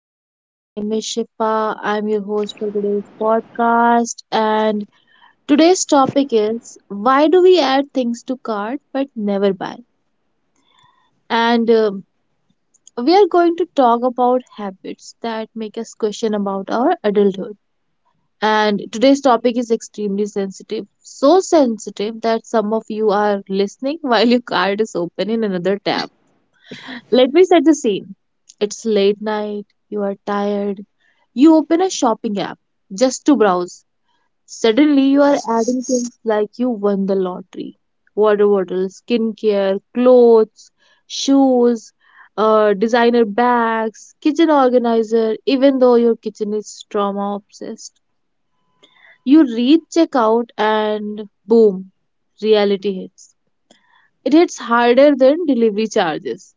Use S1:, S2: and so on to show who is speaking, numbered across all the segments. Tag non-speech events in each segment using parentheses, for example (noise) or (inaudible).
S1: everyone, my name is Shifa. I'm your host for today's podcast. And today's topic is, why do we add things to cart but never buy? And We are going to talk about habits that make us question about our adulthood. And today's topic is extremely sensitive, so sensitive that some of you are listening (laughs) while your card is open in another tab. Let me set the scene. It's late night, you are tired, you open a shopping app just to browse. Suddenly, you are adding things like you won the lottery: water bottles, skincare, clothes, shoes, designer bags, kitchen organizer, even though your kitchen is trauma obsessed. You reach checkout and boom, reality hits. It hits harder than delivery charges.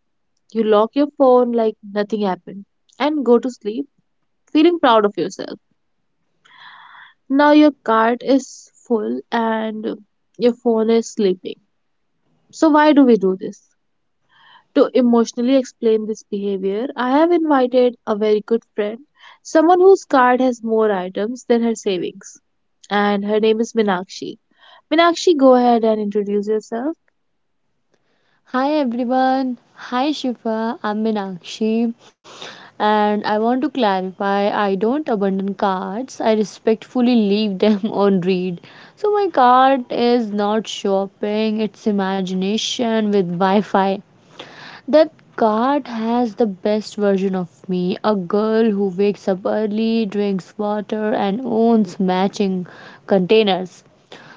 S1: You lock your phone like nothing happened and go to sleep feeling proud of yourself. Now your cart is full and your phone is sleeping. So, why do we do this? To emotionally explain this behavior, I have invited a very good friend, someone whose card has more items than her savings. And her name is Minakshi. Minakshi, go ahead and introduce yourself.
S2: Hi everyone. Hi Shifa. I'm Meenakshi and I want to clarify I don't abandon cards. I respectfully leave them (laughs) on read. So my card is not shopping, it's imagination with Wi-Fi. That card has the best version of me, a girl who wakes up early, drinks water and owns matching containers.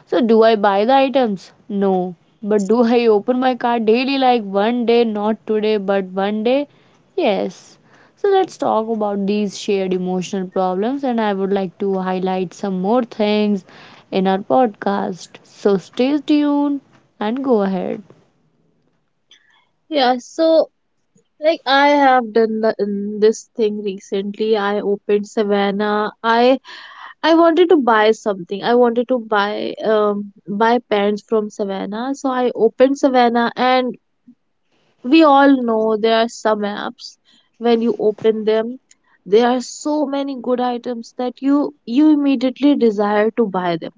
S2: So do I buy the items? No. But do I open my cart daily, like one day, not today, but one day? Yes. So let's talk about these shared emotional problems, and I would like to highlight some more things in our podcast. So stay tuned and go ahead.
S1: Yeah, so like I have done this thing recently. I opened Savannah. I wanted to buy something. I wanted to buy pants from Savannah. So I opened Savannah, and we all know there are some apps. When you open them, there are so many good items that you immediately desire to buy them.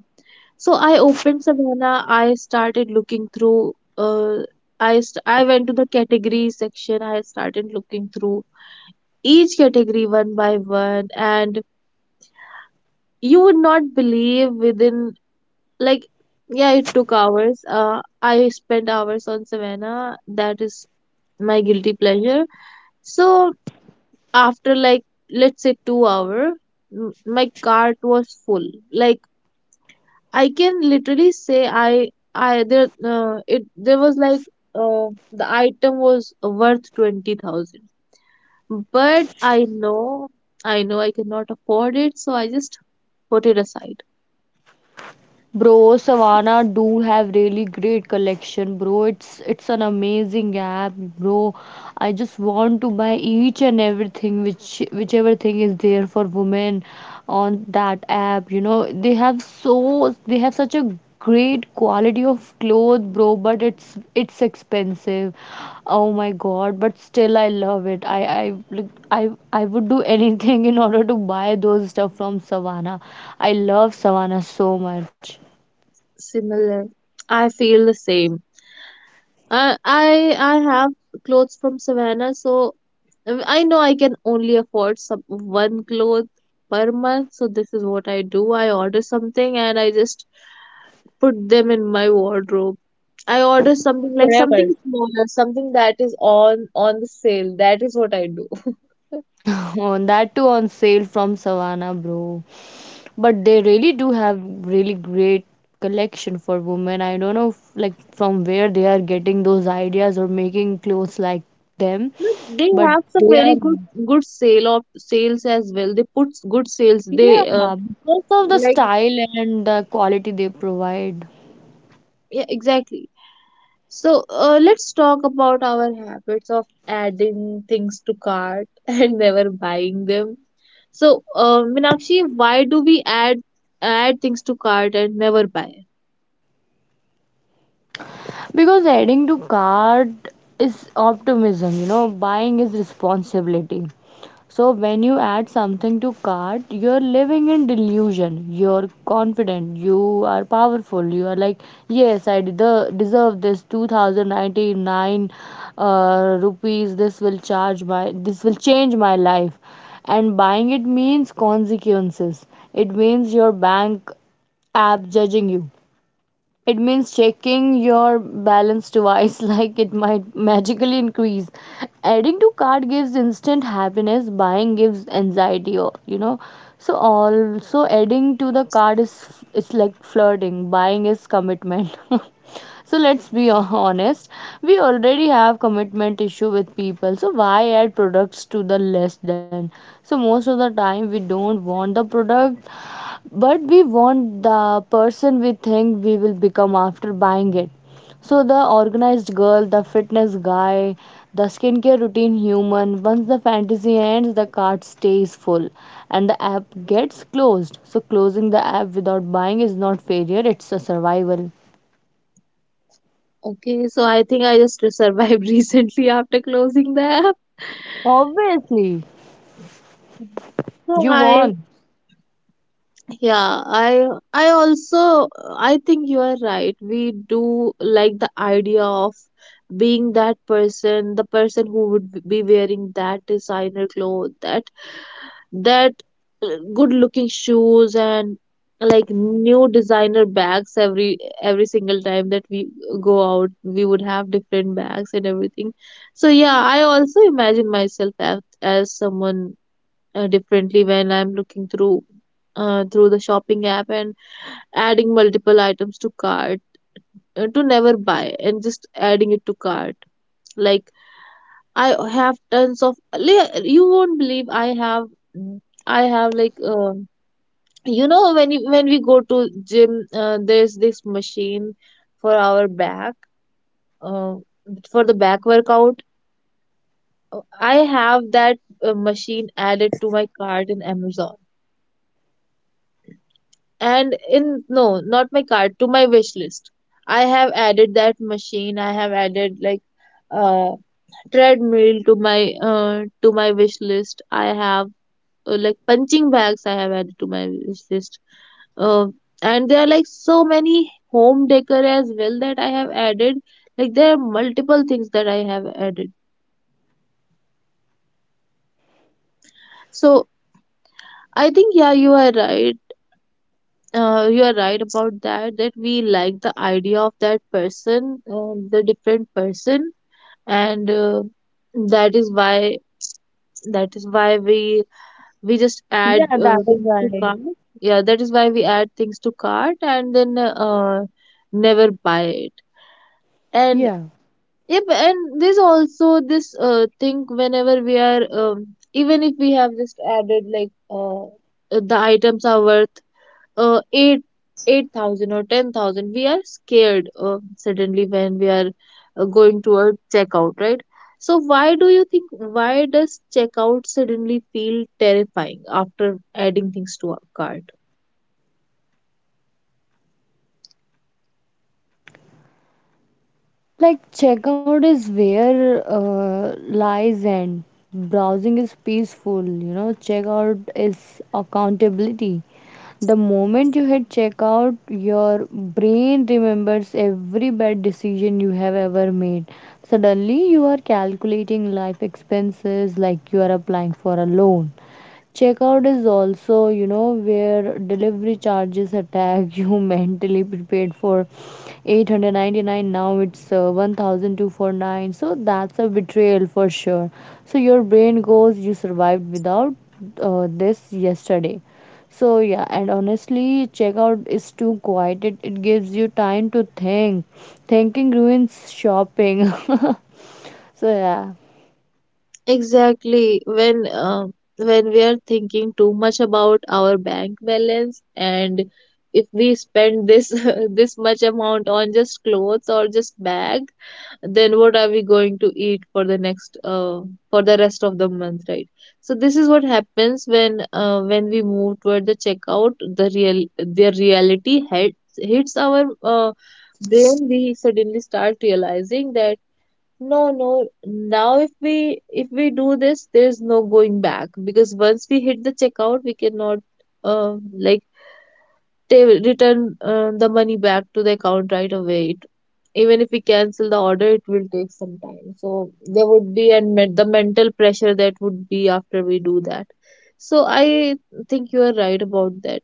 S1: So I opened Savannah. I started looking through. I went to the category section. I started looking through each category one by one, and you would not believe within like yeah, it took hours. I spent hours on Savannah. That is my guilty pleasure. So after, like, let's say 2 hour, m- my cart was full. Like, I can literally say I there it there was like the item was worth 20,000, but I know, I know I cannot afford it, so I just put it aside.
S2: Bro, Savannah do have really great collection, bro. It's an amazing app, bro. I just want to buy each and everything, whichever thing is there for women on that app. You know, they have such a great quality of clothes, bro, but it's expensive. Oh my god, but still I love it. I like, I would do anything (laughs) in order to buy those stuff from Savannah. I love Savannah so much.
S1: Similar, I feel the same. I have clothes from Savannah, so I know I can only afford some one cloth per month. So this is what I do. I order something and I just put them in my wardrobe. I order something like
S2: Forever.
S1: something smaller, something that is on the sale. That is what I do.
S2: Oh, that too on sale from Savannah, bro. But they really do have really great collection for women. I don't know, like, from where they are getting those ideas or making clothes like them,
S1: (laughs) They
S2: but
S1: have some
S2: they
S1: very
S2: are,
S1: good sale of sales as well. They put good sales. They
S2: yeah, because of the
S1: like
S2: style and the quality they provide.
S1: Yeah, exactly. So let's talk about our habits of adding things to cart (laughs) and never buying them. So, Meenakshi, why do we add things to cart and never buy?
S2: Because adding to cart is optimism, buying is responsibility. So when you add something to cart, you're living in delusion. You're confident. You are powerful. You are like, yes, I deserve this 2099 rupees. This will charge my. This will change my life. And buying it means consequences. It means your bank app judging you. It means checking your balance twice, (laughs) like it might magically increase. Adding to cart gives instant happiness, buying gives anxiety. So, also adding to the cart, is it's like flirting, buying is commitment. (laughs) So let's be (laughs) honest, we already have commitment issue with people, so why add products to the list then? So most of the time we don't want the product, but we want the person we think we will become after buying it. So the organized girl, the fitness guy, the skincare routine human, once the fantasy ends, the cart stays full and the app gets closed. So closing the app without buying is not failure, it's a survival.
S1: Okay, so I think I just survived (laughs) recently after closing the app.
S2: Obviously,
S1: So
S2: you
S1: I,
S2: won.
S1: yeah, I also, I think you are right. We do like the idea of being that person, the person who would be wearing that designer clothes, that that good looking shoes and like new designer bags. Every single time that we go out, we would have different bags and everything. So yeah, I also imagine myself as someone differently when I'm looking through through the shopping app and adding multiple items to cart to never buy, and just adding it to cart. Like, I have tons of you won't believe, I have like you know, when we go to gym, there's this machine for our back, uh, for the back workout. Uh, I have that machine added to my cart in Amazon. And in, no, not my cart, to my wish list. I have added that machine. I have added, like, uh treadmill to my, uh, to my wish list. I have, like, punching bags I have added to my wish list. Uh, and there are like so many home decor as well that I have added. Like there are multiple things that I have added. So I think, yeah, you are right. You are right about that. That we like the idea of that person, the different person, and that is why that is why we just add
S2: Yeah, that is
S1: things to
S2: right.
S1: cart. Yeah, that is why we add things to cart and then never buy it. And
S2: Yeah.
S1: yep, and there's also this thing, whenever we are, even if we have just added, like, the items are worth uh, eight eight thousand or 10,000. We are scared, suddenly when we are going to a checkout, right? So why do you think, why does checkout suddenly feel terrifying after adding things to our cart?
S2: Like, checkout is where lies end. Browsing is peaceful, checkout is accountability. The moment you hit checkout, your brain remembers every bad decision you have ever made. Suddenly, you are calculating life expenses like you are applying for a loan. Checkout is also, where delivery charges attack (laughs) you. Mentally prepared for 899, now it's 1249, so that's a betrayal for sure. So your brain goes, you survived without this yesterday. So yeah, and honestly checkout is too quiet, it gives you time to think. Thinking ruins shopping. (laughs) So yeah.
S1: Exactly, when we are thinking too much about our bank balance, and if we spend this (laughs) this much amount on just clothes or just bag, then what are we going to eat for the next, for the rest of the month, right? So this is what happens when, when we move toward the checkout, the reality hits our brain. We suddenly start realizing that no, no, now if we do this, there is no going back, because once we hit the checkout, we cannot, um, like, they will return the money back to the account right away. Even if we cancel the order, it will take some time. So there would be the mental pressure that would be after we do that. So I think you are right about that.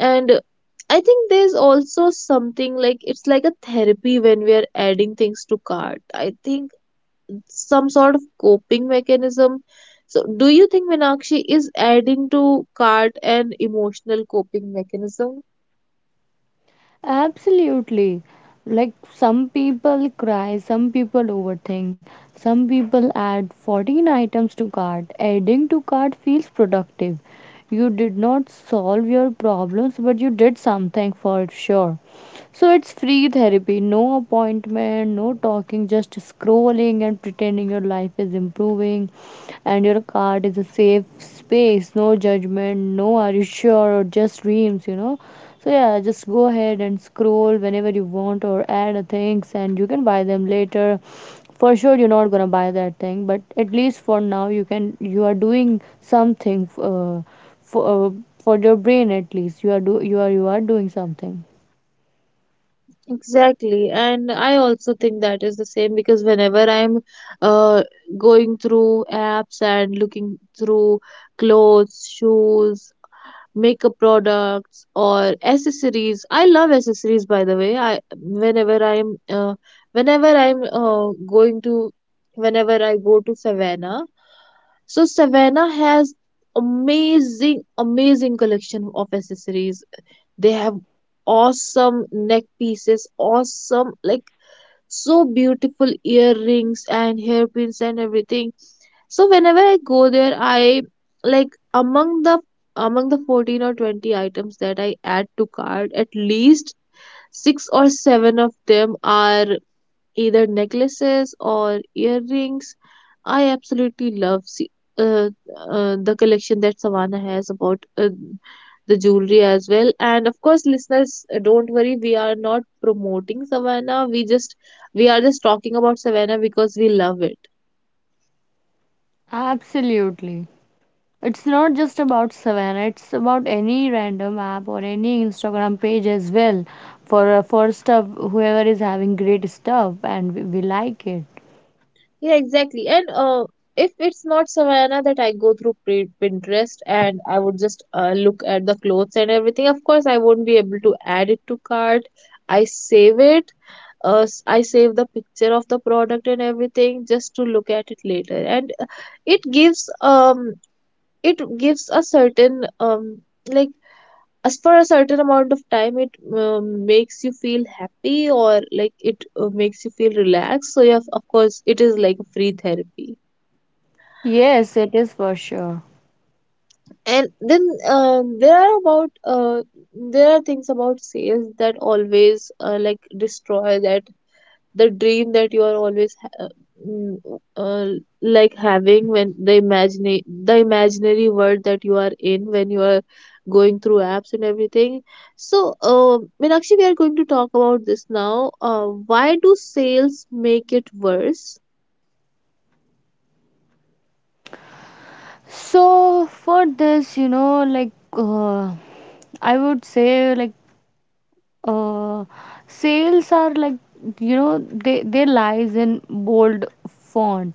S1: And I think there's also something, like, it's like a therapy when we are adding things to cart. I think some sort of coping mechanism. So do you think, Meenakshi, is adding to cart an emotional coping mechanism?
S2: Absolutely. Like, some people cry, some people overthink, some people add 14 items to cart. Adding to cart feels productive. You did not solve your problems, but you did something for sure. So it's free therapy, no appointment, no talking, just scrolling and pretending your life is improving, and your cart is a safe space, no judgment, no are you sure or just dreams. So yeah, just go ahead and scroll whenever you want or add a things, and you can buy them later. For sure you're not gonna buy that thing, but at least for now you are doing something for uh, for your brain at least. You are do you are doing something.
S1: Exactly. And I also think that is the same, because whenever I'm, uh, going through apps and looking through clothes, shoes, makeup products, or accessories. I love accessories, by the way. I whenever I'm Whenever I'm going to, whenever I go to Savannah, so Savannah has amazing collection of accessories. They have awesome neck pieces, awesome, like, so beautiful earrings and hairpins and everything. So whenever I go there, I, like, among the 14 or 20 items that I add to cart, at least six or seven of them are either necklaces or earrings. I absolutely love, see, uh, the collection that Savannah has about the jewelry as well. And of course, listeners, don't worry, we are not promoting Savannah. We are just talking about Savannah because we love it.
S2: Absolutely. It's not just about Savannah, it's about any random app or any Instagram page as well. For stuff, whoever is having great stuff, and we like it.
S1: Yeah, exactly. And if it's not Savannah, that I go through Pinterest, and I would just look at the clothes and everything. Of course, I won't be able to add it to cart. I save it. I save the picture of the product and everything just to look at it later. And it gives, um, it gives a certain, um, like, as for a certain amount of time, it, makes you feel happy, or like, it, makes you feel relaxed. So yeah, of course, it is like a free therapy.
S2: Yes, it is for sure.
S1: And then, there are about, there are things about sales that always, like, destroy that, the dream that you are always mm, uh, like having, when the imagine the imaginary world that you are in when you are going through apps and everything. So Meenakshi, we are going to talk about this now. Why do sales make it worse?
S2: So for this, like, I would say, like, uh, sales are like, they lies in bold font.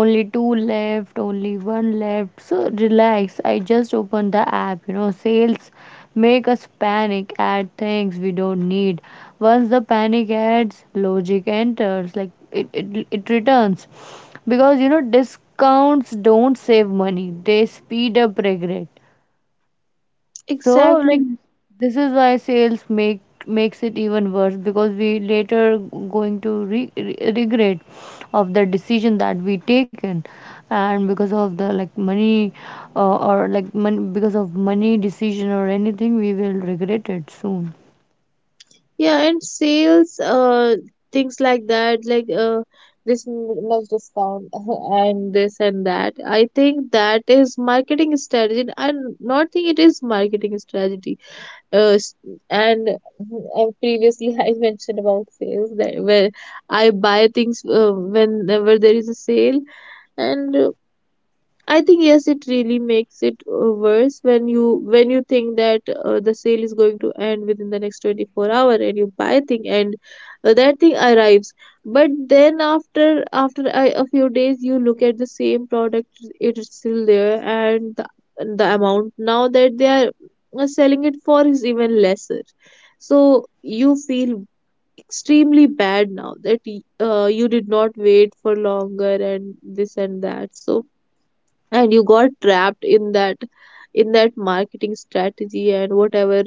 S2: Only two left, only one left. So relax, I just opened the app. Sales make us panic, add things we don't need. Once the panic adds, logic enters. Like, it returns, because discounts don't save money, they speed up regret. So, like,
S1: Exactly.
S2: this is why sales makes it even worse, because we later going to regret of the decision that we taken. And because of the, like, money, or like money, because of money decision, or anything we will regret it soon.
S1: Yeah, and sales, things like that, like, this much discount (laughs) and this and that. I think that is marketing strategy. Not think, it is marketing strategy. Uh, s- and previously (laughs) I mentioned about sales, that where I buy things whenever there is a sale, and I think, yes, it really makes it worse, when you think that the sale is going to end within the next 24 hour, and you buy thing, and that thing arrives. But then after a few days, you look at the same product, it is still there, and the amount now that they are selling it for is even lesser. So you feel extremely bad now that, you did not wait for longer, and this and that. So and you got trapped in that marketing strategy and whatever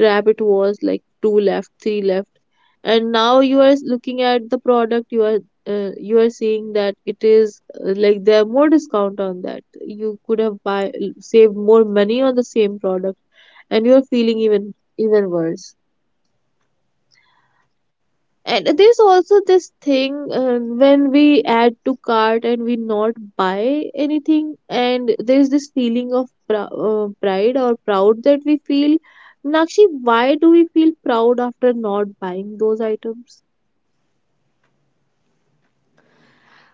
S1: trap it was, like two left, three left, and now you are looking at the product. You are you are seeing that it is, like there are more discount on that. You could have buy, saved more money on the same product, and you are feeling even worse. And there's also this thing, when we add to cart and we not buy anything, and there's this feeling of pride or proud that we feel. Nakshi, why do we feel proud after not buying those items?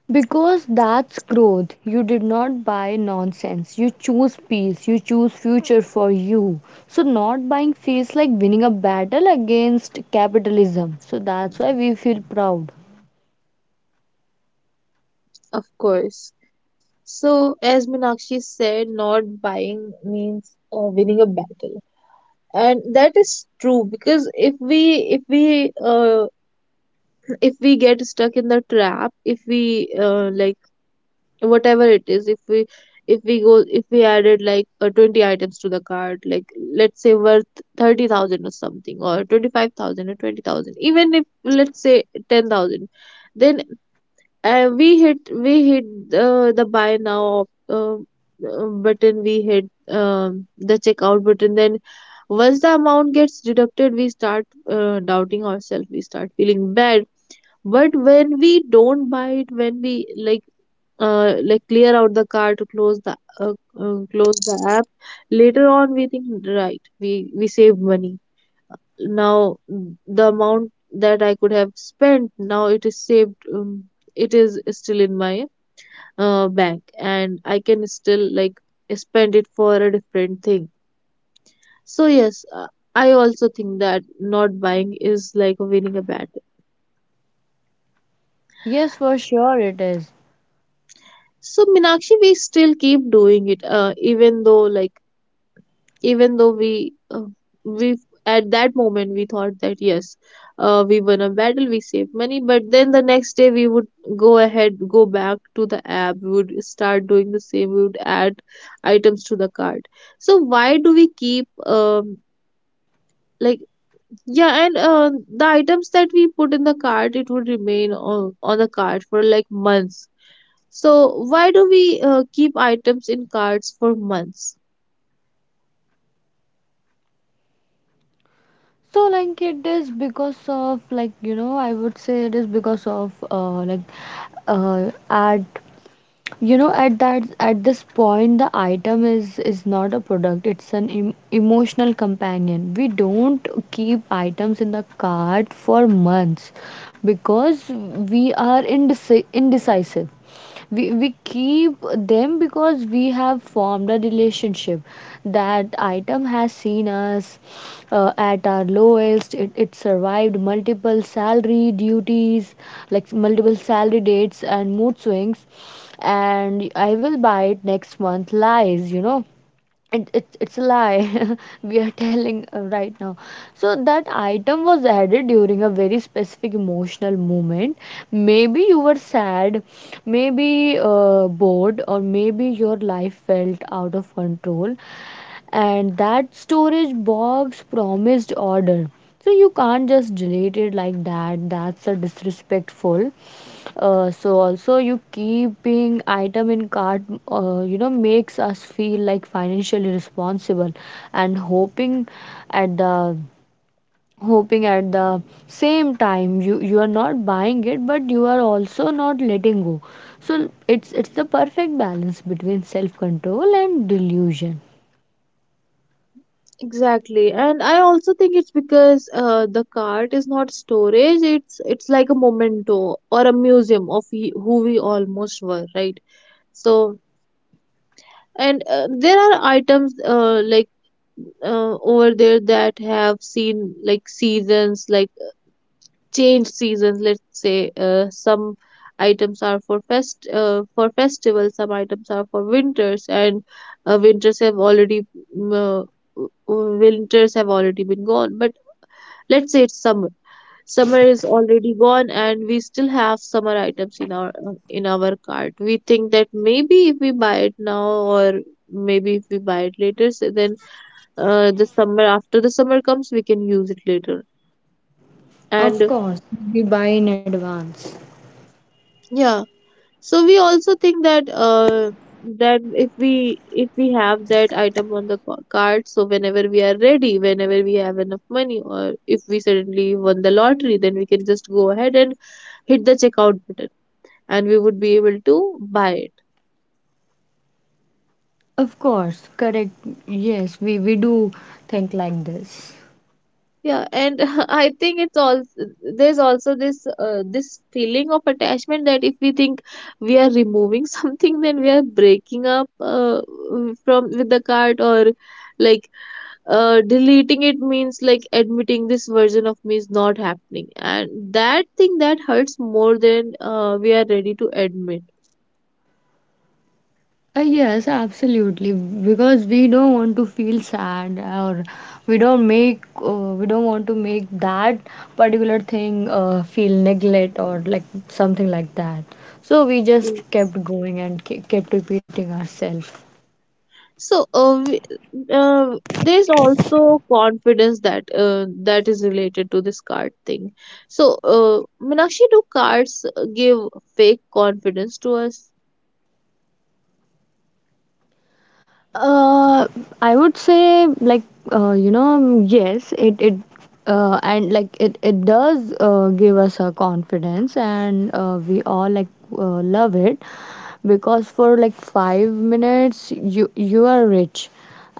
S2: Because that's growth. You did not buy nonsense. You choose peace. You choose future for you. So, not buying feels like winning a battle against capitalism. So, that's why we feel proud.
S1: Of course. So, as Meenakshi said, not buying means winning a battle, and that is true because if we (clears throat) if we get stuck in the trap, if we, like whatever it is, if we, if we go if we added like, 20 items to the cart, like let's say worth 30,000 or something, or 25,000, or 20,000, even if, let's say, 10,000. Then, we hit the buy now, button, we hit the checkout button. Then once the amount gets deducted, we start, doubting ourselves, we start feeling bad. But when we don't buy it, when we, like, like, clear out the card to close the, close the app, later on we think, right, we saved money. Now the amount that I could have spent, now it is saved. It is still in my, bank, and I can still, like, spend it for a different thing. So yes, I also think that not buying is like winning a battle.
S2: Yes, for sure it is.
S1: So Minakshi, we still keep doing it, even though, like, even though we at that moment we thought that yes, we won a battle, we saved money, but then the next day we would go ahead, go back to the app, we would start doing the same, we would add items to the cart. So why do we keep, um, like, yeah, and the items that we put in the cart, it would remain on the cart for like months. So why do we, keep items in carts for months?
S2: So, like, it is because of, like, I would say it is because of, like, art. At that at this point, the item is not a product, it's an emotional companion. We don't keep items in the cart for months because we are indecisive. We keep them because we have formed a relationship. That item has seen us at our lowest. It survived multiple salary duties, like multiple salary dates and mood swings. And I will buy it next month lies. It's a lie, (laughs) we are telling right now. So that item was added during a very specific emotional moment. Maybe you were sad, maybe bored, or maybe your life felt out of control. And that storage box promised order. So you can't just delete it like that, that's a disrespectful. So also you keeping item in cart, makes us feel like financially responsible, and at the hoping at the same time you are not buying it, but you are also not letting go. So it's the perfect balance between self control and delusion.
S1: Exactly, and I also think it's because, the cart is not storage. It's like a memento or a museum of who we almost were, right? So, and there are items, like, over there that have seen like seasons, like changed seasons. Let's say, some items are for fest for festivals, some items are for winters, and winters have already mm, uh, winters have already been gone. But let's say it's summer, is already gone and we still have summer items in our, in our cart. We think that maybe if we buy it now, or maybe if we buy it later, so then, the summer, after the summer comes, we can use it later. And
S2: Of course, we buy in advance.
S1: yeah, so we also think that, that if we have that item on the card, so whenever we are ready, whenever we have enough money, or if we suddenly won the lottery, then we can just go ahead and hit the checkout button, and we would be able to buy it.
S2: Of course. Correct. Yes, we do think like this.
S1: Yeah, and (laughs) I think it's also, there's also this, this feeling of attachment that if we think we are removing (laughs) something, then we are breaking up, from, with the cart. Or, like, deleting it means like admitting this version of me is not happening, and that thing that hurts more than, we are ready to admit.
S2: Yes, absolutely. Because we don't want to feel sad, or we don't make, we don't want to make that particular thing feel neglect or like something like that. So we just kept going and kept repeating ourselves.
S1: So there's also confidence that, that is related to this card thing. So, Meenakshi, do cards give fake confidence to us?
S2: Uh, I would say, like, yes it and like it does give us a confidence, and we all like love it, because for like 5 minutes you are rich.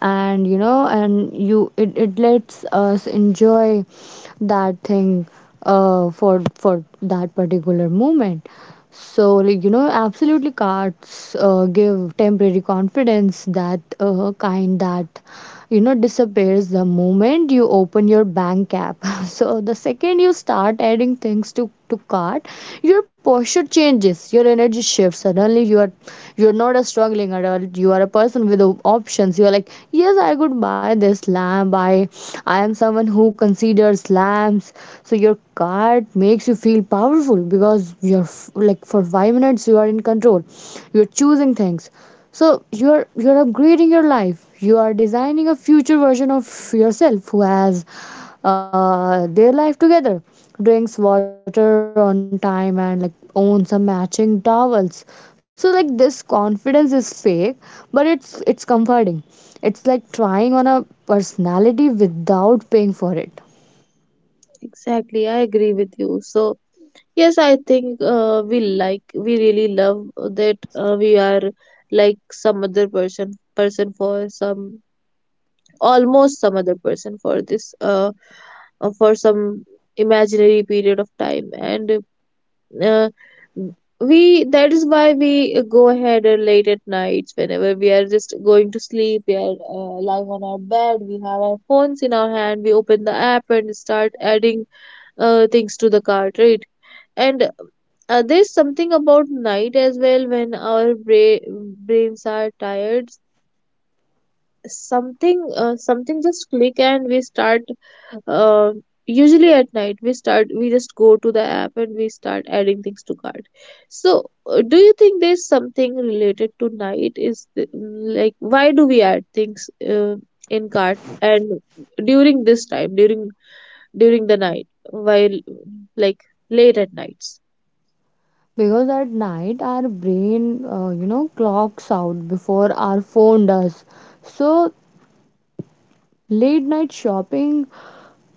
S2: And it lets us enjoy that thing for that particular moment. So, like, absolutely cards give temporary confidence, that kind that, disappears the moment you open your bank app. (laughs) So, the second you start adding things to cart, your posture changes, your energy shifts. Suddenly, you are not a struggling adult. You are a person with options. You are like, yes, I could buy this lamp. I am someone who considers lamps. So your card makes you feel powerful because you're like for 5 minutes you are in control. You're choosing things. So you're upgrading your life. You are designing a future version of yourself who has their life together, drinks water on time, and like owns some matching towels. So like this confidence is fake, but it's comforting. It's like trying on a personality without paying for it.
S1: Exactly, I agree with you. So yes, I think, we like, we really love that, we are like some other person for some, almost some other person for this, for some imaginary period of time. And uh, we, that is why we go ahead, late at nights, whenever we are just going to sleep, we are, lying on our bed, we have our phones in our hand, we open the app and start adding, things to the cart, right? And there's something about night as well, when our brains are tired, something just click and we start, um, usually at night we start, we just go to the app and we start adding things to cart. So, do you think there's something related to night? Is like, why do we add things, in cart and during this time, during during the night, while, like, late at nights?
S2: Because at night our brain, clocks out before our phone does. So late night shopping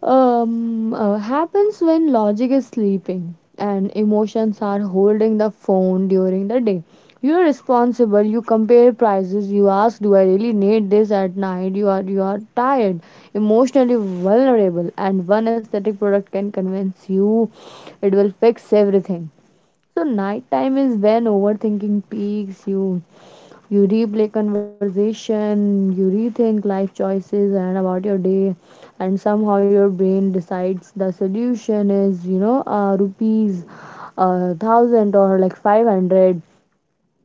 S2: happens when logic is sleeping and emotions are holding the phone. During the day you are responsible, you compare prices, you ask, do I really need this? At night you are tired, emotionally vulnerable, and one aesthetic product can convince you it will fix everything. So nighttime is when overthinking peaks. You replay conversation, you rethink life choices and about your day, and somehow your brain decides the solution is, rupees, thousand or like 500,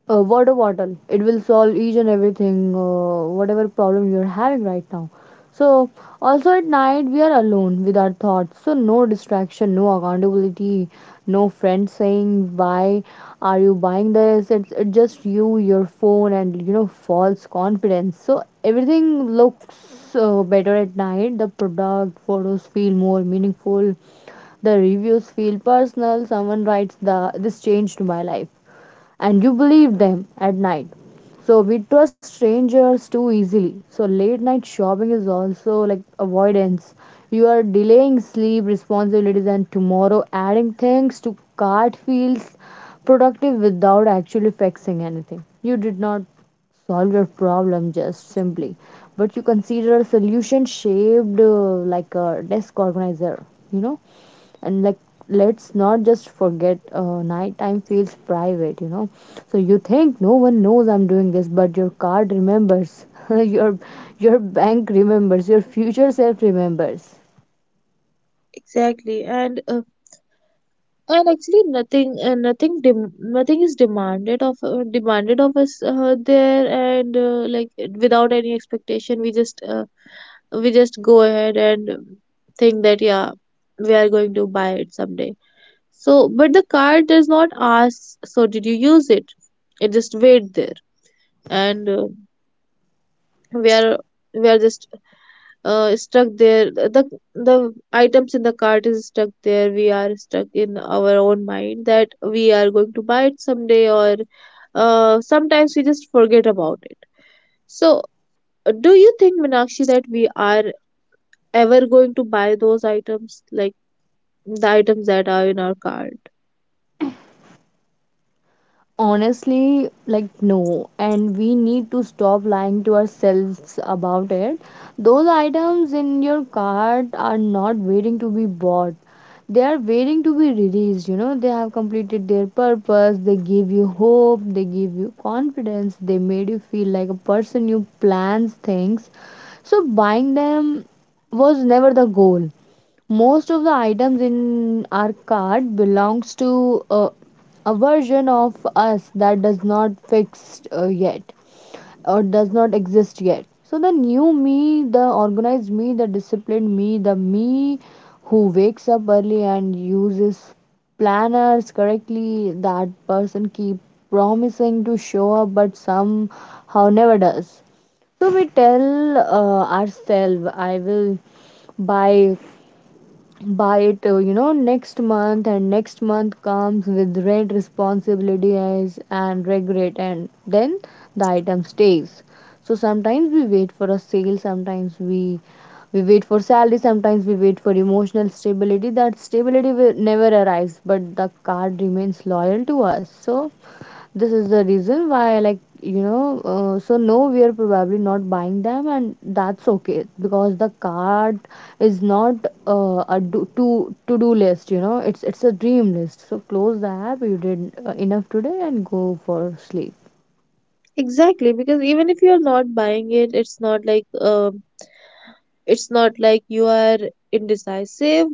S2: a water bottle. It will solve each and everything, whatever problem you're having right now. So, also at night, we are alone with our thoughts. So, no distraction, no accountability, no friend saying, Why are you buying this? It's just you, your phone, and, false confidence. So, everything looks better at night. The product photos feel more meaningful, the reviews feel personal. Someone writes, the This changed my life, and you believe them at night. So we trust strangers too easily. So late night shopping is also like avoidance. You are delaying sleep responsibilities and tomorrow. Adding things to cart feels productive without actually fixing anything. You did not solve your problem just simply, but you consider a solution shaped like a desk organizer, you know and like let's not just forget, nighttime feels private. So you think no one knows I'm doing this, but your card remembers, (laughs) your your bank remembers, your future self remembers.
S1: Exactly, and and actually nothing is demanded of, demanded of us, there. And, like without any expectation, we just, we just go ahead and think that, yeah, we are going to buy it someday. So, but the card does not ask, so did you use it? It just wait there. And we are we are just, stuck there. The items in the cart is stuck there, we are stuck in our own mind that we are going to buy it someday, or, sometimes we just forget about it. So, do you think, Minakshi, that we are ever going to buy those items, like the items that are in our cart?
S2: Honestly, like, no, and we need to stop lying to ourselves about it. Those items in your cart are not waiting to be bought. They are waiting to be released. They have completed their purpose, they give you hope, they give you confidence, they made you feel like a person who plans things. So buying them was never the goal. Most of the items in our cart belongs to a version of us that does not fixed yet, or does not exist yet. So the new me, the organized me, the disciplined me, the me who wakes up early and uses planners correctly, that person keep promising to show up but somehow never does. So we tell ourselves, I will buy buy it, next month. And next month comes with rent responsibilities and regret, and then the item stays. So sometimes we wait for a sale, sometimes we wait for salary, sometimes we wait for emotional stability. That stability will never arise, but the card remains loyal to us. So this is the reason why, like, so no, we are probably not buying them, and that's okay because the card is not, a do, to do list. It's a dream list. So close the app, you did enough today, and go for sleep.
S1: Exactly, because even if you are not buying it, it's not like, it's not like you are indecisive.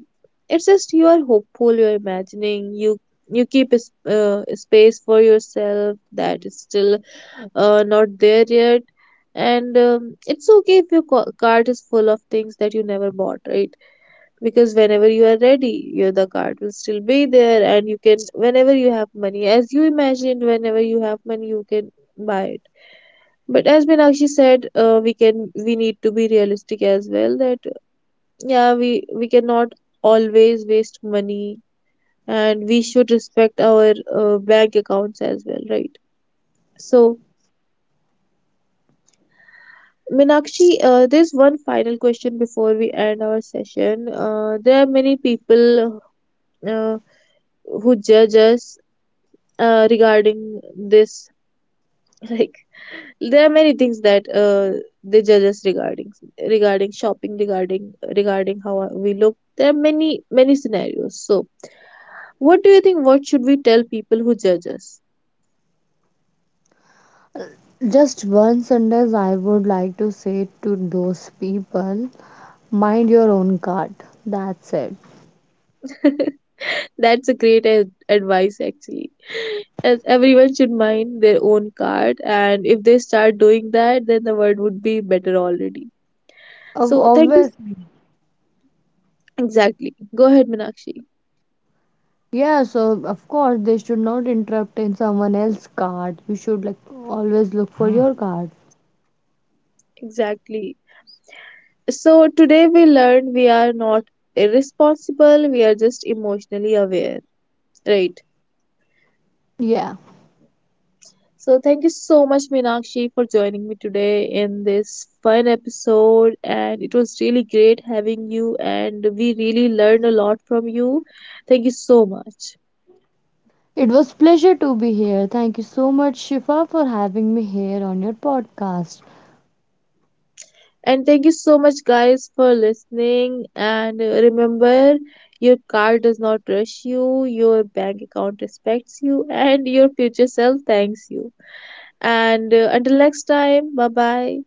S1: It's just you are hopeful. You're imagining. You keep a, a space for yourself that is still, not there yet. And, it's okay if your cart is full of things that you never bought, right? Because whenever you are ready, your, the card will still be there, and you can, whenever you have money, as you imagined, whenever you have money, you can buy it. But as Meenakshi said, we can, we need to be realistic as well, that yeah, we cannot always waste money, and we should respect our, bank accounts as well, right? So Minakshi, there's one final question before we end our session. There are many people, uh, who judge us, regarding this, (laughs) like, there are many things that, they judge us regarding, regarding shopping, regarding, regarding how we look. There are many, many scenarios. So what do you think, what should we tell people who judge us?
S2: Just one sentence I would like to say to those people: mind your own card, that's it.
S1: (laughs) That's a great advice, actually. As everyone should mind their own card, and if they start doing that, then the world would be better already.
S2: Ob-
S1: So thank you.
S2: obviously
S1: Exactly, go ahead, Minakshi.
S2: Yeah, so of course they should not interrupt in someone else's card. You should like always look for your card.
S1: Exactly. So today we learned, we are not irresponsible, we are just emotionally aware, right?
S2: Yeah.
S1: So thank you so much, Meenakshi, for joining me today in this fun episode. And it was really great having you, and we really learned a lot from you. Thank you so much.
S2: It was pleasure to be here. Thank you so much Shifa for having me here on your podcast.
S1: And thank you so much, guys, for listening. And, remember, your car does not rush you, your bank account respects you, and your future self thanks you. And, until next time, bye bye.